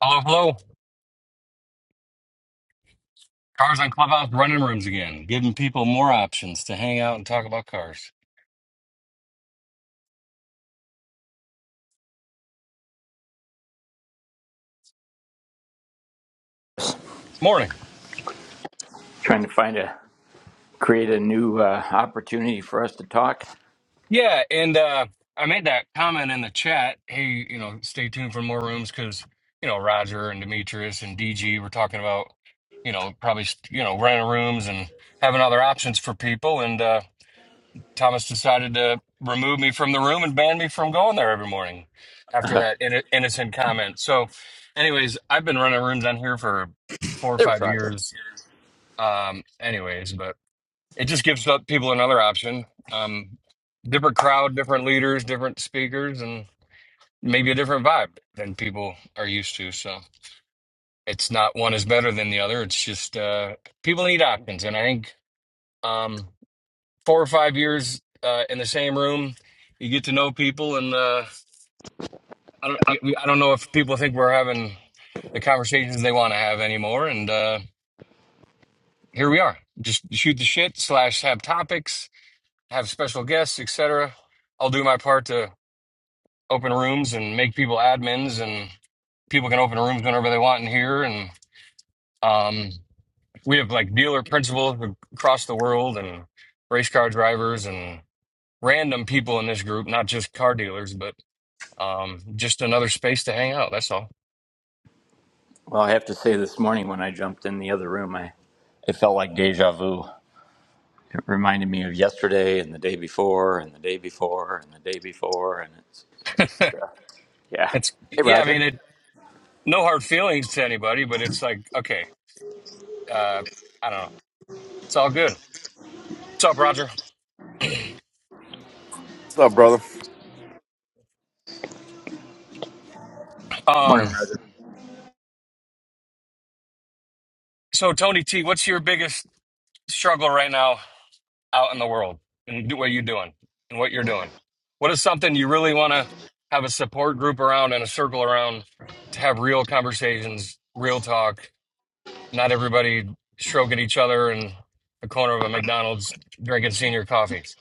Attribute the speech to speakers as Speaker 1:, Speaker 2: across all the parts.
Speaker 1: Hello, hello. Cars on Clubhouse running rooms again, giving people more options to hang out and talk about cars. Morning.
Speaker 2: Trying to find a create a new uh, opportunity for us to talk.
Speaker 1: Yeah, and uh, I made that comment in the chat. Hey, you know, stay tuned for more rooms because, you know, Roger and Demetrius and DG were talking about, you know, probably, you know, renting rooms and having other options for people. And uh, Thomas decided to remove me from the room and ban me from going there every morning after
Speaker 2: Uh,
Speaker 1: that inno- innocent comment. So, anyways, I've been running rooms on here for four or
Speaker 2: There's
Speaker 1: five
Speaker 2: Roger.
Speaker 1: years Um, anyways, but it just gives up people another option. Um, different crowd, different leaders, different speakers, and maybe a different vibe than people are used to. So it's not one is better than the other. It's just uh, people need options, and I think um, four or five years uh, in the same room, you get to know people, and uh, I don't, I don't know if people think we're having the conversations they want to have anymore. And uh, here we are, just shoot the shit slash have topics have special guests, etc. I'll do my part to open rooms and make people admins, and people can open rooms whenever they want in here. And um, we have like dealer principals across the world, and race car drivers, and random people in this group, not just car dealers, but um, just another space to hang out. That's all.
Speaker 2: Well, I have to say, this morning when I jumped in the other room, I it felt like deja vu. It reminded me of yesterday and the day before and the day before and the day before, and it's, it's just uh, yeah.
Speaker 1: it's
Speaker 2: Hey,
Speaker 1: yeah, I
Speaker 2: Roger.
Speaker 1: mean, it no hard feelings to anybody, but it's like okay, uh, I don't know. It's all good. What's up, Roger?
Speaker 3: What's up, brother?
Speaker 2: Morning,
Speaker 1: Um,
Speaker 2: Roger.
Speaker 1: so Tony T, what's your biggest struggle right now out in the world and do what you're doing and what you're doing? What is something you really want to have a support group around and a circle around to have real conversations, real talk? Not everybody stroking each other in the corner of a McDonald's drinking senior coffees.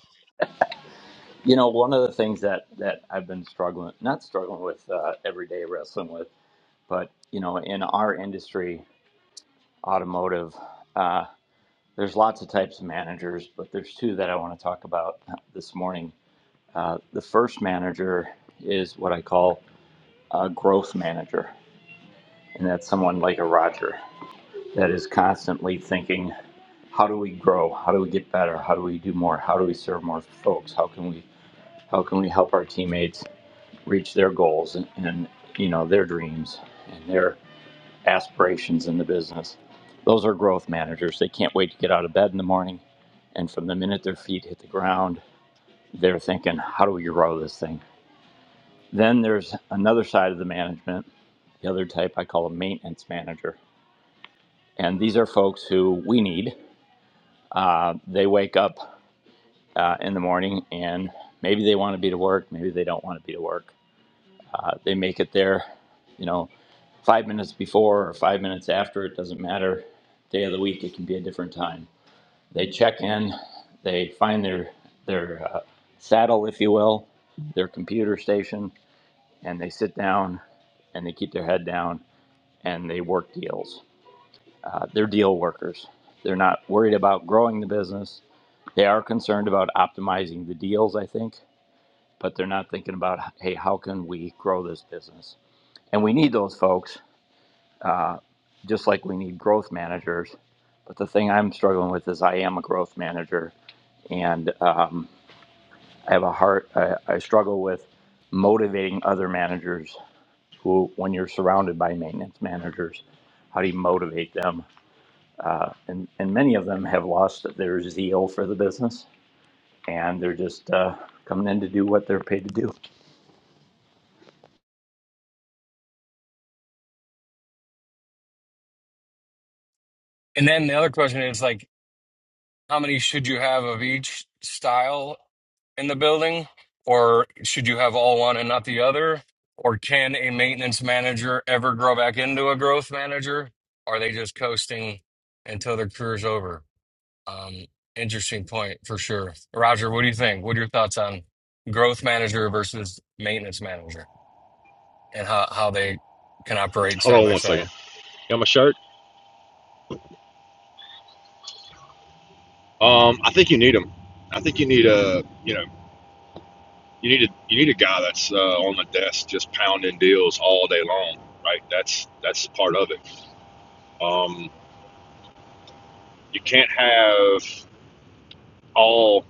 Speaker 2: You know, one of the things that that I've been struggling, not struggling with uh, every day, wrestling with, but you know, in our industry, automotive. There's lots of types of managers, but there's two that I want to talk about this morning. Uh, the first manager is what I call a growth manager, and that's someone like a Roger that is constantly thinking, how do we grow? How do we get better? How do we do more? How do we serve more folks? How can we how can we help our teammates reach their goals and, and you know their dreams and their aspirations in the business. Those are growth managers. They can't wait to get out of bed in the morning. And from the minute their feet hit the ground, they're thinking, how do we grow this thing? Then there's another side of the management, the other type I call a maintenance manager. And these are folks who we need. Uh, they wake up uh, in the morning and maybe they want to be to work, maybe they don't want to be to work. Uh, they make it there, you know, five minutes before or five minutes after, it doesn't matter. Day of the week, it can be a different time They check in, they find their their uh, saddle, if you will, their computer station, and they sit down and they keep their head down and they work deals. Uh, they're deal workers. They're not worried about growing the business. They are concerned about optimizing the deals, I think, but they're not thinking about, hey, how can we grow this business? And we need those folks, uh, just like we need growth managers. But the thing I'm struggling with is I am a growth manager, and um, I have a heart. I, I struggle with motivating other managers who, when you're surrounded by maintenance managers, how do you motivate them? Uh, and and many of them have lost their zeal for the business, and they're just uh, coming in to do what they're paid to do.
Speaker 1: And then the other question is like, how many should you have of each style in the building? Or should you have all one and not the other? Or can a maintenance manager ever grow back into a growth manager? Are they just coasting until their career's over? Um, interesting point for sure. Roger, what do you think? What are your thoughts on growth manager versus maintenance manager and how, how they can operate
Speaker 3: Hold
Speaker 1: side
Speaker 3: on
Speaker 1: by
Speaker 3: one second.
Speaker 1: side?
Speaker 3: You got my shirt? Um, I think you need him. I think you need a, you know, you need a, you need a guy that's uh, on the desk just pounding deals all day long, right? That's that's part of it. Um, you can't have all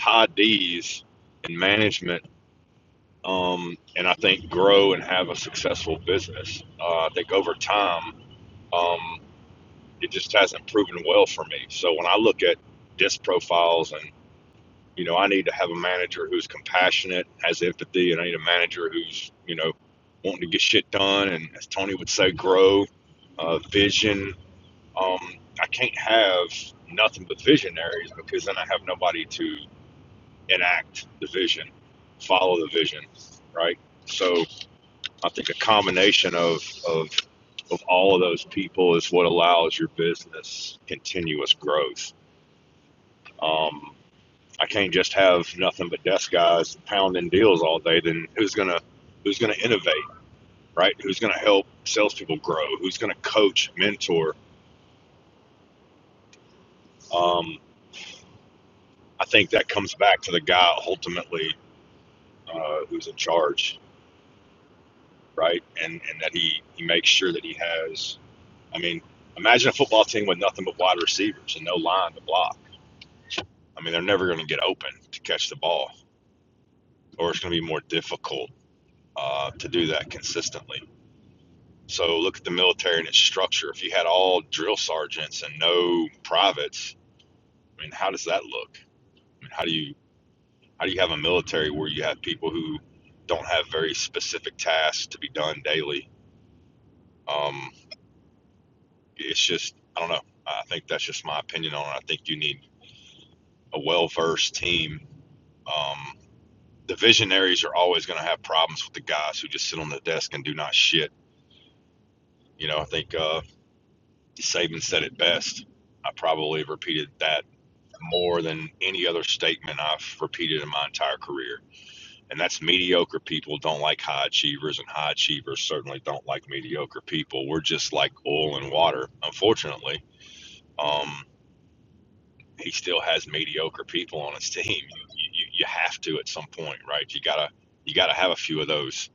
Speaker 3: high D's in management, um, and I think grow and have a successful business. Uh, I think over time, um, it just hasn't proven well for me. So when I look at disc profiles and. You know, I need to have a manager who's compassionate, has empathy, and I need a manager who's, you know, wanting to get shit done and, as Tony would say, grow, uh, vision. Um, I can't have nothing but visionaries because then I have nobody to enact the vision, follow the vision, right? So I think a combination of, of, of all of those people is what allows your business continuous growth. Um, I can't just have nothing but desk guys pounding deals all day. Then who's gonna who's gonna innovate, right? Who's gonna help salespeople grow? Who's gonna coach, mentor? Um, I think that comes back to the guy ultimately uh, who's in charge, right? And and that he he makes sure that he has. I mean, imagine a football team with nothing but wide receivers and no line to block. I mean, they're never going to get open to catch the ball, or it's going to be more difficult uh, to do that consistently So look at the military and its structure. If you had all drill sergeants and no privates, I mean, how does that look? I mean, how do you how do you have a military where you have people who don't have very specific tasks to be done daily? Um, it's just I don't know. I think that's just my opinion on it. I think you need a well versed team. Um, the visionaries are always going to have problems with the guys who just sit on the desk and do not shit. You know, I think uh, Saban said it best. I probably have repeated that more than any other statement I've repeated in my entire career. And that's mediocre people don't like high achievers, and high achievers certainly don't like mediocre people. We're just like oil and water, unfortunately. Um, he still has mediocre people on his team. You, you, you have to at some point, right? You gotta you gotta have a few of those.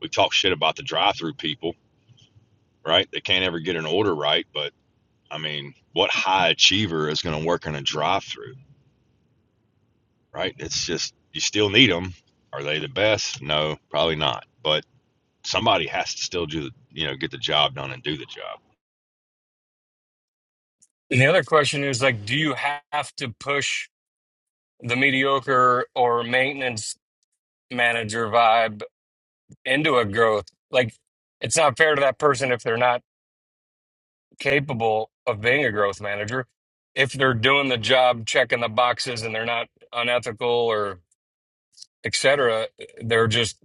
Speaker 3: We talk shit about the drive-through people, right? They can't ever get an order right, but I mean, what high achiever is going to work in a drive-through? right? It's just you still need them. Are they the best? No, probably not. But somebody has to still do the, you know get the job done and do the job.
Speaker 1: And the other question is like, do you have to push the mediocre or maintenance manager vibe into a growth. Like it's not fair to that person if they're not capable of being a growth manager. If they're doing the job, checking the boxes, and they're not unethical or et cetera, they're just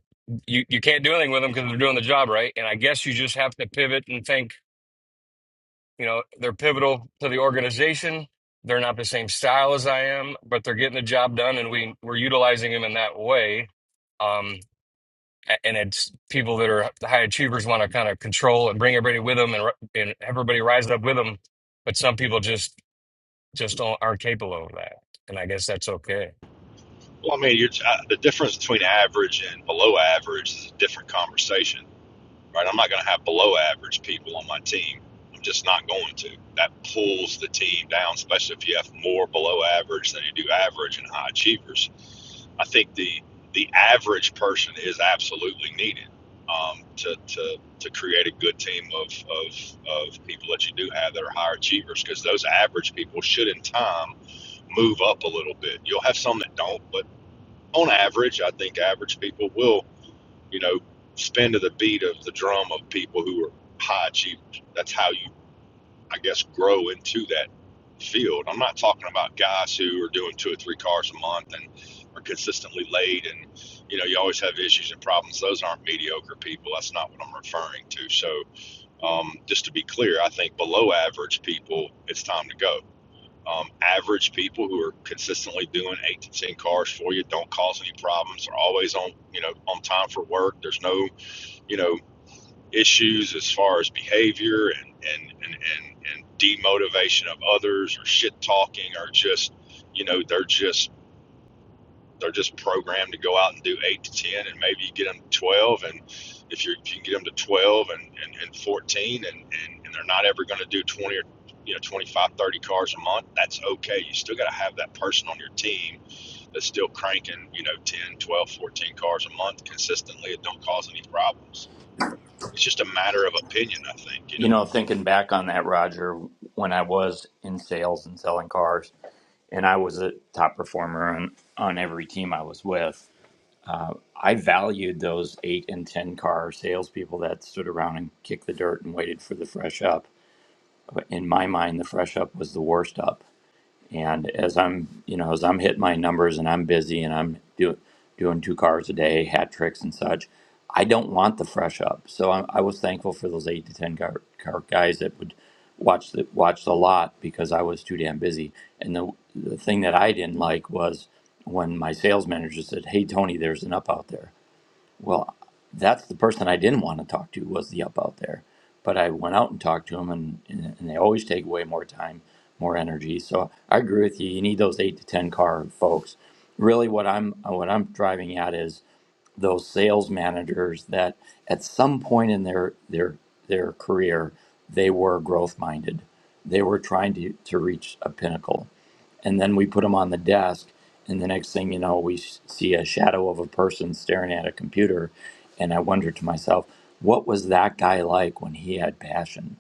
Speaker 1: you, you can't do anything with them because they're doing the job right. And I guess you just have to pivot and think, you know, they're pivotal to the organization. They're not the same style as I am, but they're getting the job done, and we we're utilizing them in that way. Um. A- And it's people that are the high achievers want to kind of control and bring everybody with them and, ri- and everybody rise up with them. But some people just just don't, aren't capable of that. And I guess that's okay.
Speaker 3: Well, I mean, you're, uh, the difference between average and below average is a different conversation. right? I'm not going to have below average people on my team. I'm just not going to. That pulls the team down, especially if you have more below average than you do average and high achievers. I think the the average person is absolutely needed um, to, to to create a good team of, of of people that you do have that are higher achievers because those average people should in time move up a little bit. You'll have some that don't, but on average, I think average people will you know, spin to the beat of the drum of people who are high achievers. That's how you, I guess, grow into that field. I'm not talking about guys who are doing two or three cars a month and are consistently late and, you know, you always have issues and problems. Those aren't mediocre people. That's not what I'm referring to. So, um, just to be clear, I think below average people, it's time to go. Um, average people who are consistently doing eight to ten cars for you don't cause any problems. are always on, you know, on time for work. There's no you know issues as far as behavior and and and and, and demotivation of others or shit talking or just you know they're just they're just programmed to go out and do eight to ten and maybe you get them to twelve and if, you if you can get them to twelve and and, and fourteen and, and and they're not ever going to do twenty or you know 25 30 cars a month that's okay you still got to have that person on your team that's still cranking you know 10 12 14 cars a month consistently it don't cause any problems it's just a matter of opinion, I think. You know.
Speaker 2: You know, thinking back on that, Roger, when I was in sales and selling cars, and I was a top performer on on every team I was with. I valued those eight and 10 car salespeople that stood around and kicked the dirt and waited for the fresh up. In my mind, the fresh up was the worst up. And as I'm, you know, as I'm hitting my numbers and I'm busy and I'm doing doing two cars a day, hat tricks and such, I don't want the fresh up. So I, I was thankful for those eight to 10 car, car guys that would watch the, watch the lot because I was too damn busy. And the, the thing that I didn't like was when my sales manager said, Hey, Tony, there's an up out there. Well, that's the person I didn't want to talk to was the up out there, but I went out and talked to them, and, and and they always take away more time, more energy. So I agree with you. You need those eight to ten car folks. Really, what I'm what I'm driving at is those sales managers that at some point in their their their career they were growth minded they were trying to, to reach a pinnacle and then we put them on the desk and the next thing you know we s- see a shadow of a person staring at a computer and i wonder to myself what was that guy like when he had passion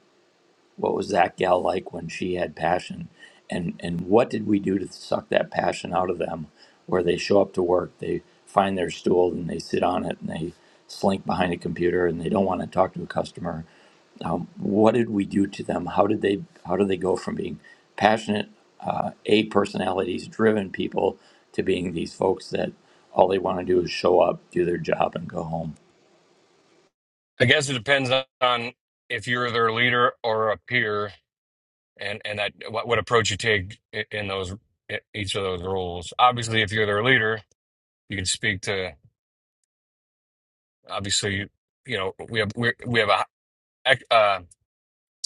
Speaker 2: what was that gal like when she had passion and and what did we do to suck that passion out of them where they show up to work they find their stool and they sit on it and they slink behind a computer and they don't want to talk to a customer um, what did we do to them how did they how did they go from being passionate uh, a personalities driven people to being these folks that all they want to do is show up do their job and go home
Speaker 1: I guess it depends on on if you're their leader or a peer and, and that what, what approach you take i- in those i- each of those roles. Obviously, if you're their leader, you can speak to obviously you you know we have we we have a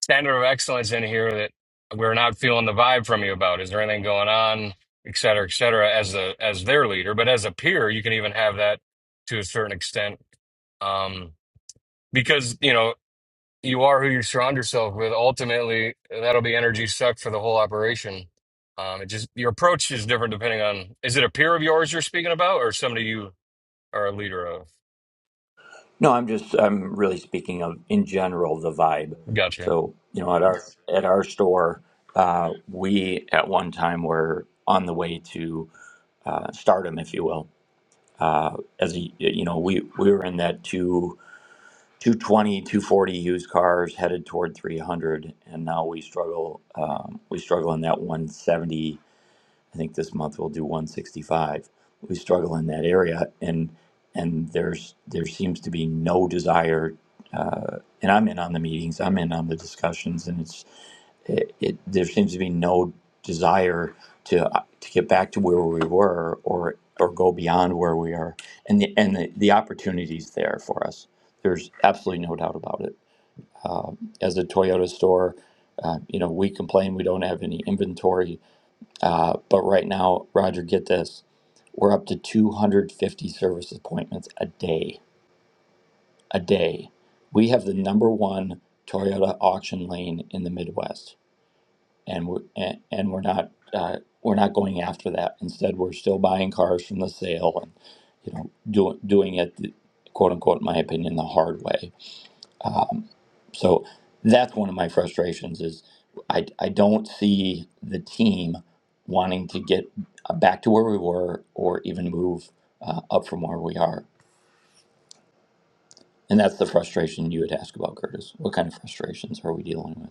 Speaker 1: center of excellence in here that we're not feeling the vibe from you about? Is there anything going on, et cetera, et cetera, as a as their leader? But as a peer, you can even have that to a certain extent, um, because you know you are who you surround yourself with. Ultimately, that'll be energy sucked for the whole operation. Um, it just your approach is different depending on is it a peer of yours you're speaking about or somebody you are a leader of?
Speaker 2: No, I'm just I'm really speaking of in general the vibe.
Speaker 1: Gotcha.
Speaker 2: So you know, at our at our store, uh, we at one time were on the way to uh, stardom, if you will. As a, you know, we we were in that two. two twenty two forty used cars headed toward 300 and now we struggle um, we struggle in that 170 I think this month we'll do 165. We struggle in that area, and and there's there seems to be no desire. Uh, and I'm in on the meetings. I'm in on the discussions, and it's it, it there seems to be no desire to uh, to get back to where we were or or go beyond where we are and the and the, the opportunities there for us there's absolutely no doubt about it uh, as a toyota store uh, you know we complain we don't have any inventory uh, but right now, Roger, get this. We're up to 250 service appointments a day. A day. We have the number one Toyota auction lane in the Midwest, and we're, and, and we're not uh, we're not going after that. Instead, we're still buying cars from the sale and you know doing doing it quote unquote, in my opinion, the hard way. Um, so that's one of my frustrations is I, I don't see the team wanting to get uh, back to where we were or even move uh, up from where we are. And that's the frustration you would ask about, Curtis. What kind of frustrations are we dealing with?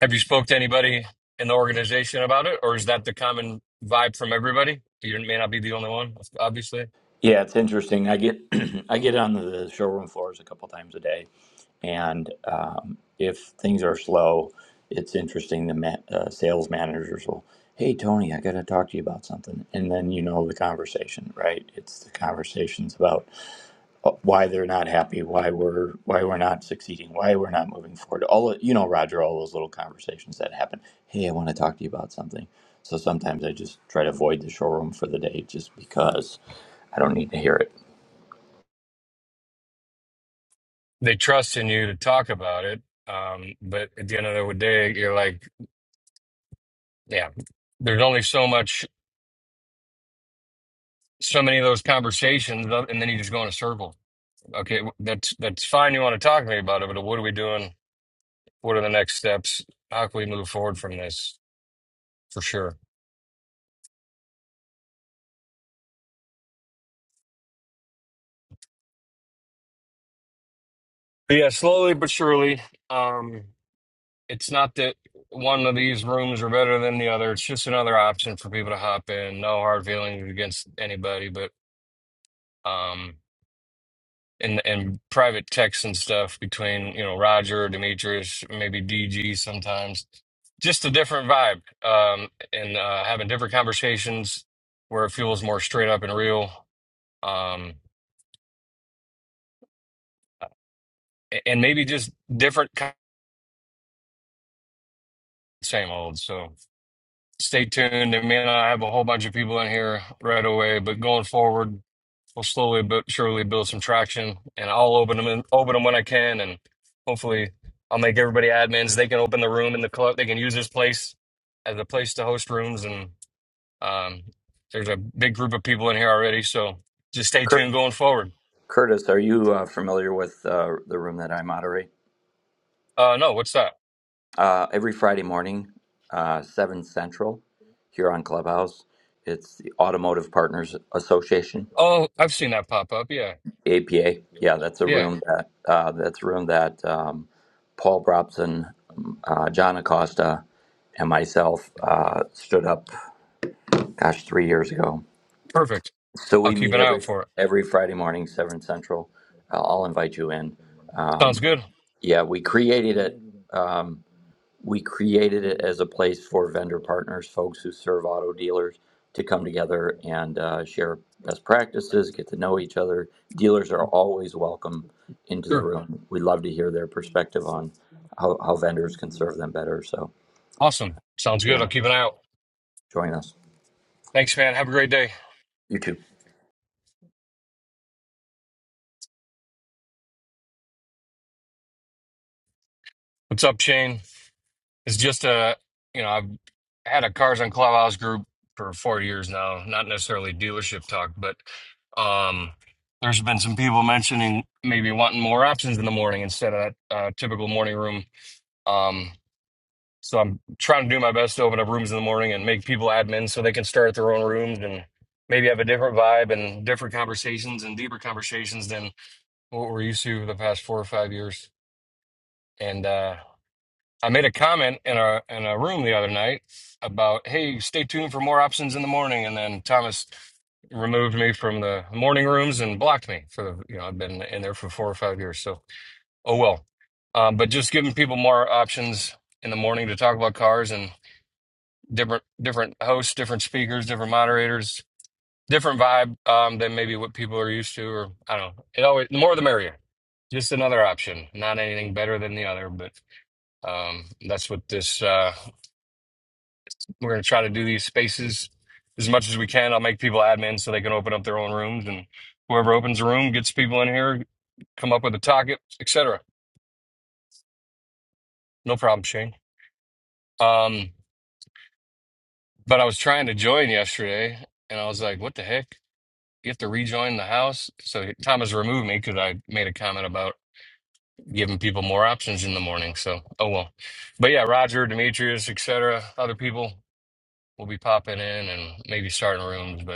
Speaker 1: Have you spoke to anybody in the organization about it, or is that the common vibe from everybody? You may not be the only one, obviously.
Speaker 2: Yeah, it's interesting. I get I get on the showroom floors a couple times a day, and um, if things are slow, it's interesting. The ma- uh, sales managers will, "Hey Tony, I got to talk to you about something," and then you know the conversation, right? It's the conversations about uh, why they're not happy, why we're why we're not succeeding, why we're not moving forward. All you know, Roger, all those little conversations that happen. Hey, I want to talk to you about something. So sometimes I just try to avoid the showroom for the day, just because I don't need to hear it.
Speaker 1: They trust in you to talk about it, um, but at the end of the day, you're like, yeah, there's only so much, so many of those conversations, uh, and then you just go in a circle. Okay, that's that's fine. You want to talk to me about it, but what are we doing? What are the next steps? How can we move forward from this? For sure. But yeah, slowly but surely. Um, it's not that one of these rooms are better than the other. It's just another option for people to hop in. No hard feelings against anybody, but um, in in private texts and stuff between you know Roger, Demetrius, maybe DG sometimes, just a different vibe. Um, and uh, having different conversations where it feels more straight up and real. Um, and maybe just different kind same old. So stay tuned. It may not have a whole bunch of people in here right away, but going forward we'll slowly but surely build some traction, and I'll open them in, open them when I can, and hopefully I'll make everybody admins. They can open the room in the club. They can use this place as a place to host rooms, and um, there's a big group of people in here already. So just stay
Speaker 2: Cur-
Speaker 1: tuned going forward.
Speaker 2: Curtis, are you uh, familiar with uh, the room that I moderate?
Speaker 1: Uh, no, what's that?
Speaker 2: Uh, every Friday morning, uh, seven central, here on Clubhouse. It's the Automotive Partners Association
Speaker 1: Oh, I've seen that pop up. Yeah,
Speaker 2: APA. Yeah, that's a
Speaker 1: yeah,
Speaker 2: room that uh, that's a room that um, Paul Brobson, uh, John Acosta, and myself uh, stood up. Gosh, three years ago.
Speaker 1: perfect.
Speaker 2: So
Speaker 1: I'll
Speaker 2: we
Speaker 1: keep
Speaker 2: meet
Speaker 1: an eye
Speaker 2: every
Speaker 1: out for it.
Speaker 2: every Friday morning, seven central. I'll I'll invite you in.
Speaker 1: Sounds good.
Speaker 2: Yeah, we created it. Um, we created it as a place for vendor partners, folks who serve auto dealers, to come together and uh, share best practices, get to know each other. Dealers are always welcome into the
Speaker 1: Sure.
Speaker 2: room. We love to hear their perspective on how, how vendors can serve them better. So,
Speaker 1: Awesome. Sounds good.
Speaker 2: yeah,
Speaker 1: I'll keep an eye out.
Speaker 2: join us.
Speaker 1: Thanks, man. Have a great day.
Speaker 2: You too.
Speaker 1: What's up, Shane? It's just a, you know, I've had a Cars on Clubhouse group for four years now, not necessarily dealership talk, but um, there's been some people mentioning maybe wanting more options in the morning instead of that uh, typical morning room. Um, so I'm trying to do my best to open up rooms in the morning and make people admins so they can start their own rooms and maybe have a different vibe and different conversations and deeper conversations than what we're used to the past four or five years. And uh, I made a comment in our in a room the other night about, hey, stay tuned for more options in the morning, and then Thomas removed me from the morning rooms and blocked me for the you know I've been in there for four or five years. So oh well, um, but just giving people more options in the morning to talk about cars and different different hosts, different speakers, different moderators, different vibe um, than maybe what people are used to, or I don't know. It always the more the merrier. Just another option, not anything better than the other, but um, that's what this. Uh, We're going to try to do these spaces as much as we can. I'll make people admins so they can open up their own rooms, and whoever opens a room gets people in here, come up with a target, etc. No problem, Shane. Um, but I was trying to join yesterday, and I was like, "What the heck? You have to rejoin the house." So Thomas removed me because I made a comment about giving people more options in the morning. So oh well. But yeah, Roger, Demetrius, etc., other people will be popping in and maybe starting rooms, but.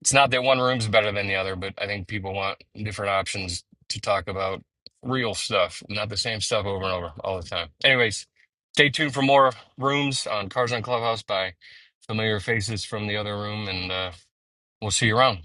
Speaker 1: It's not that one room's better than the other, but I think people want different options to talk about real stuff, not the same stuff over and over all the time. Anyways, stay tuned for more rooms on Cars on Clubhouse by familiar faces from the other room, and uh, we'll see you around.